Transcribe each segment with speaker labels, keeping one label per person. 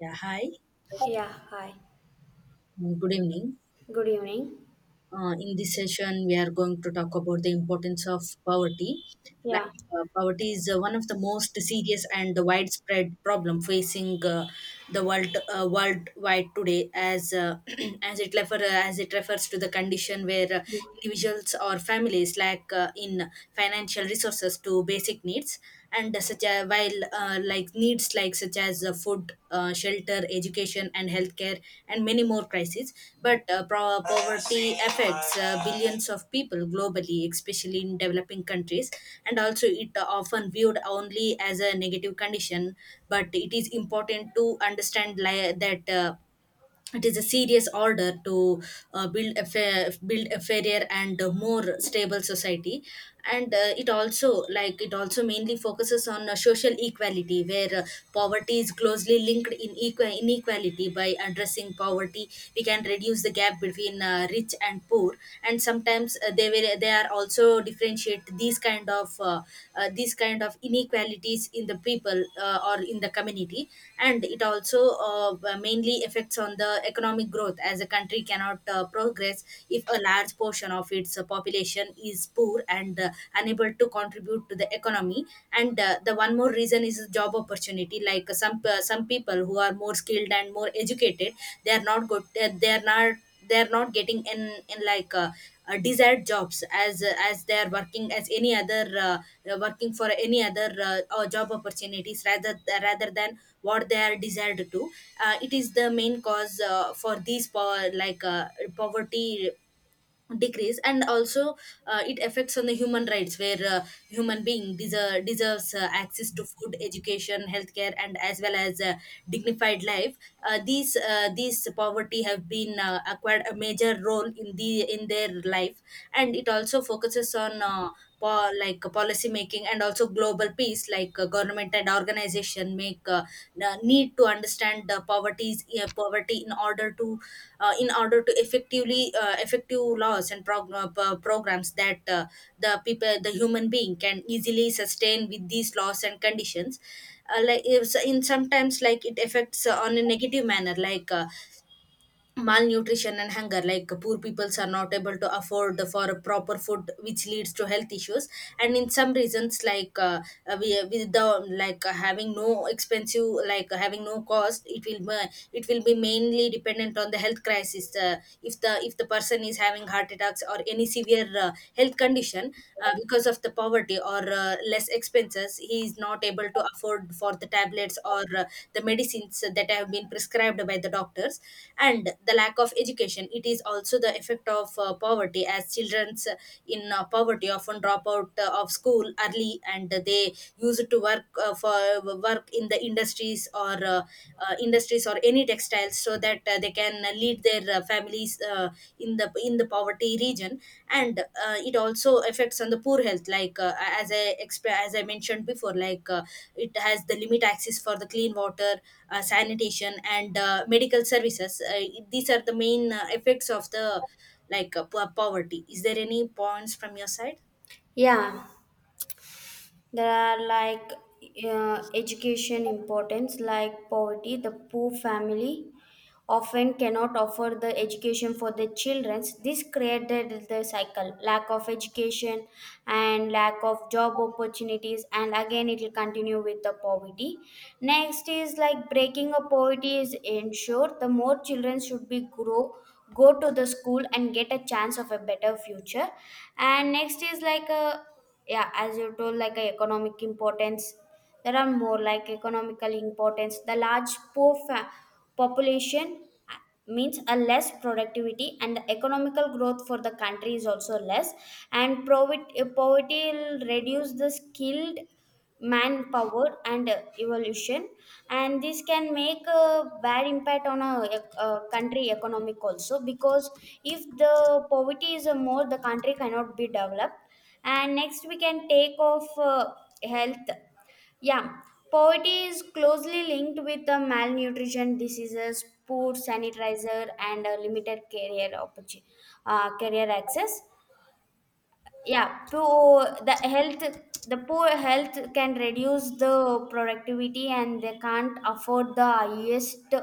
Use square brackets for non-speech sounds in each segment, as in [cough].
Speaker 1: Yeah, hi.
Speaker 2: Yeah, hi.
Speaker 1: Good evening.
Speaker 2: Good evening.
Speaker 1: In this session, we are going to talk about the importance of poverty. Like,
Speaker 2: Yeah.
Speaker 1: poverty is one of the most serious and widespread problem facing the world worldwide today. As [clears throat] as it refer uh, as it refers to the condition where individuals or families lack in financial resources to basic needs. And such a while, like needs, like, such as food, shelter, education, and healthcare, and many more crises. But poverty affects billions of people globally, especially in developing countries. And also, it often viewed only as a negative condition. But it is important to understand, that it is a serious order to build a fairer and more stable society. And it also, like, it also mainly focuses on social equality, where poverty is closely linked, inequality. By addressing poverty, we can reduce the gap between rich and poor. And sometimes, they are also differentiate these kind of inequalities in the people, or in the community. And it also mainly affects on the economic growth, as a country cannot progress if a large portion of its, the population is poor and unable to contribute to the economy. And the one more reason is job opportunity, like, some people who are more skilled and more educated, they are not good they are not they are not getting in in desired jobs, as they are working as any other, working for any other job opportunities, rather than what they are desired to. It is the main cause for these, poverty decrease. And also, it affects on the human rights, where human being deserves access to food, education, healthcare, and as well as dignified life. These these poverty have been acquired a major role in their life. And it also focuses on policy making, and also global peace, like, government and organization make the need to understand the poverty in order to effectively, effective laws and programs, that the people, the human being, can easily sustain with these laws and conditions. Like, if, in sometimes, like it affects on a negative manner, like malnutrition and hunger. Like, poor peoples are not able to afford for a proper food, which leads to health issues. And in some reasons, like, we with the, like, having no expensive, like, having no cost, it will be mainly dependent on the health crisis. If the person is having heart attacks or any severe health condition, because of the poverty, disability, or less expenses, he is not able to afford for the tablets or the medicines that have been prescribed by the doctors. And the lack of education, it is also the effect of poverty, as children's in poverty often drop out of school early, and they used to work, for work in the industries, or industries or any textile lifestyles, so that they can lead their families in the poverty region. And it also affects on the poor health, like, as I mentioned before, like it has the limit access for the clean water, sanitation, and medical services. These are the main effects of the, like, poverty. Is there any points from your side?
Speaker 2: Yeah. There are, like, education importance. Like, poverty, the poor family often cannot offer the education for the children. This created the cycle, lack of education and lack of job opportunities, and again it will continue with the poverty. Next is, like, breaking up poverty is ensure the more children should be grow, go to the school and get a chance of a better future. And next is like a, yeah, as you told, like a economic importance. There are more like economical importance. The large poor population means a less productivity and the economical growth for the country is also less. And poverty, poverty will reduce the skilled manpower and evolution. And this can make a bad impact on a, a country economic also, because if the poverty is a more, the country cannot be developed. And next we can take off, health. Yeah, poverty is closely linked with the malnutrition diseases, poor sanitizer, and a limited career opportunity, career access. Yeah, poor the health, the poor health can reduce the productivity and they can't afford the highest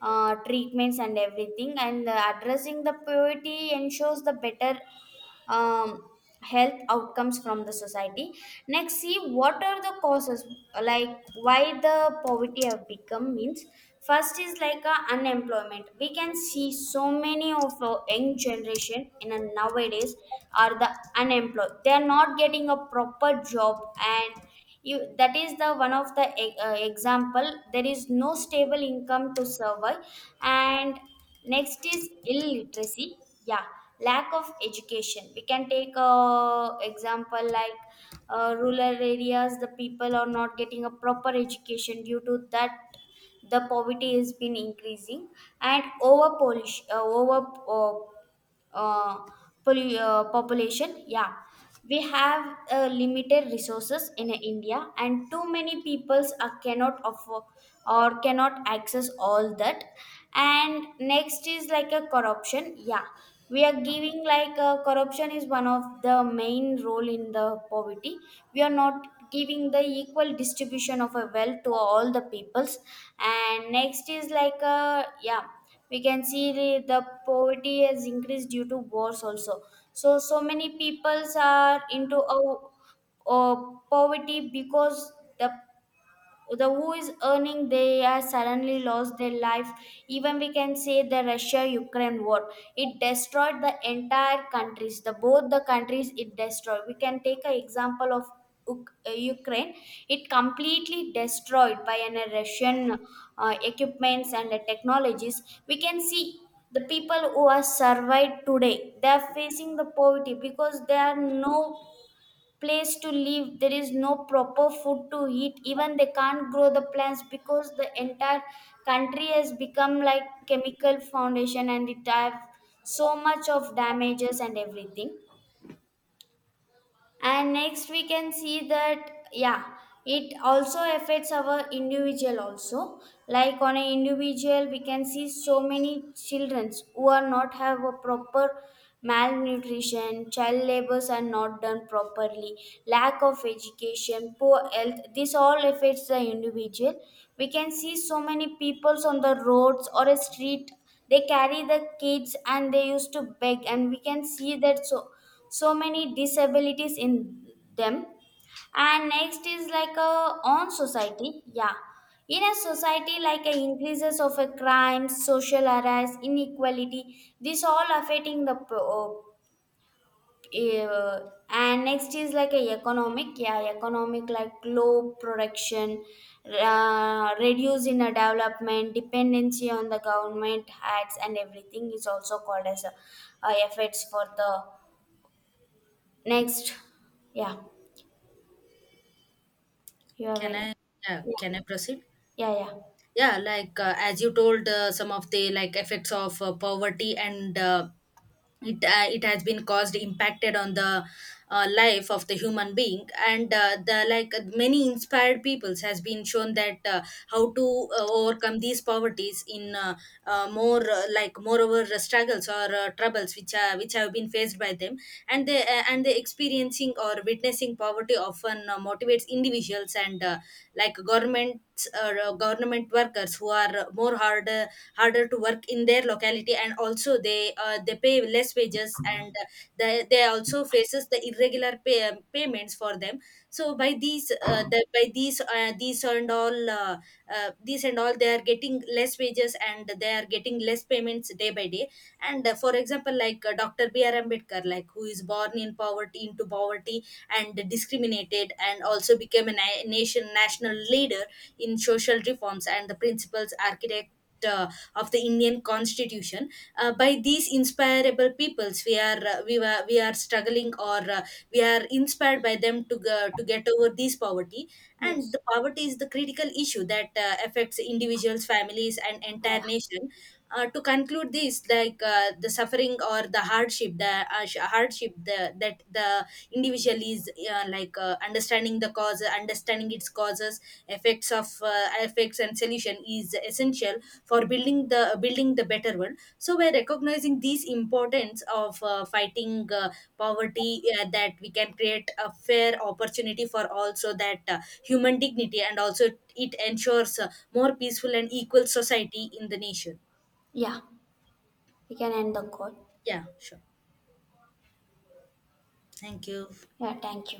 Speaker 2: treatments and everything. And addressing the poverty ensures the better um, health outcomes from the society. Next, see what are the causes, like why the poverty have become means. First is like a unemployment. We can see so many of our young generation in a generation nowadays are the unemployed. They are not getting a proper job, and you, that is the one of the example. There is no stable income to survive. And next is illiteracy. Yeah, lack of education. We can take a example like, rural areas, the people are not getting a proper education due to that the poverty has been increasing. And over polish, uh, population. Yeah, we have limited resources in India, and too many peoples are cannot afford or cannot access all that. And next is like a corruption. Yeah, we are giving, like, corruption is one of the main role in the poverty. We are not giving the equal distribution of a wealth to all the peoples. And next is like a, yeah, we can see the poverty has increased due to wars also. So so many peoples are into a poverty because the the who is earning, they are suddenly lost their life. Even we can say the Russia Ukraine war, it destroyed the entire countries, the both the countries it destroyed. We can take an example of Ukraine. It completely destroyed by an Russian equipments and technologies. We can see the people who are survived today, they are facing the poverty because there are no place to live, there is no proper food to eat. Even they can't grow the plants because the entire country has become like chemical foundation and it have so much of damages and everything. And next we can see that, yeah, it also affects our individual also. Like, on an individual, we can see so many children who are not have a proper malnutrition, child labors are not done properly, lack of education, poor health. This all affects the individual. We can see so many peoples on the roads or a street, they carry the kids and they used to beg, and we can see that so so many disabilities in them. And next is like a, on society, yeah, in a society like a increases of a crime, social arrest, inequality, this all affecting the uh, and next is like a economic. Yeah, economic, like low production, reduce in a development, dependency on the government ads and everything is also called as a, effects for the next. Yeah, you have
Speaker 1: Can I
Speaker 2: any?
Speaker 1: Yeah,
Speaker 2: Yeah,
Speaker 1: can I proceed?
Speaker 2: yeah, yeah.
Speaker 1: Yeah, like, as you told, some of the, like, effects of poverty, and it has been caused, impacted on the life of the human being. And the, like, many inspired peoples has been shown that, how to overcome these poverties in, more, like, moreover struggles or troubles which have been faced by them. And they and the experiencing or witnessing poverty often motivates individuals, and like governments, or government workers who are more harder to work in their locality. And also, they pay less wages, and they also faces the irregular payments for them. So by these, these and all, they are getting less wages, and they are getting less payments day by day. And for example, like, Dr. B. R. Ambedkar, like, who is born in poverty into poverty and discriminated, and also became a national leader in social reforms, and the principles architect of the Indian Constitution. By these inspirable peoples, we are struggling, or we are inspired by them to get over this poverty. And
Speaker 2: Yes,
Speaker 1: the poverty is the critical issue that affects individuals, families, and entire
Speaker 2: yeah,
Speaker 1: nation. To conclude this, like, the suffering or the hardship the sh- hardship, that the individual is, understanding the cause understanding its causes, effects and solution is essential for building the better world. So by recognizing these importance of fighting poverty, that we can create a fair opportunity for, also that human dignity, and also it ensures a more peaceful and equal society in the nation.
Speaker 2: yeah. We can end the call.
Speaker 1: Yeah, sure. Thank you.
Speaker 2: Yeah, thank you.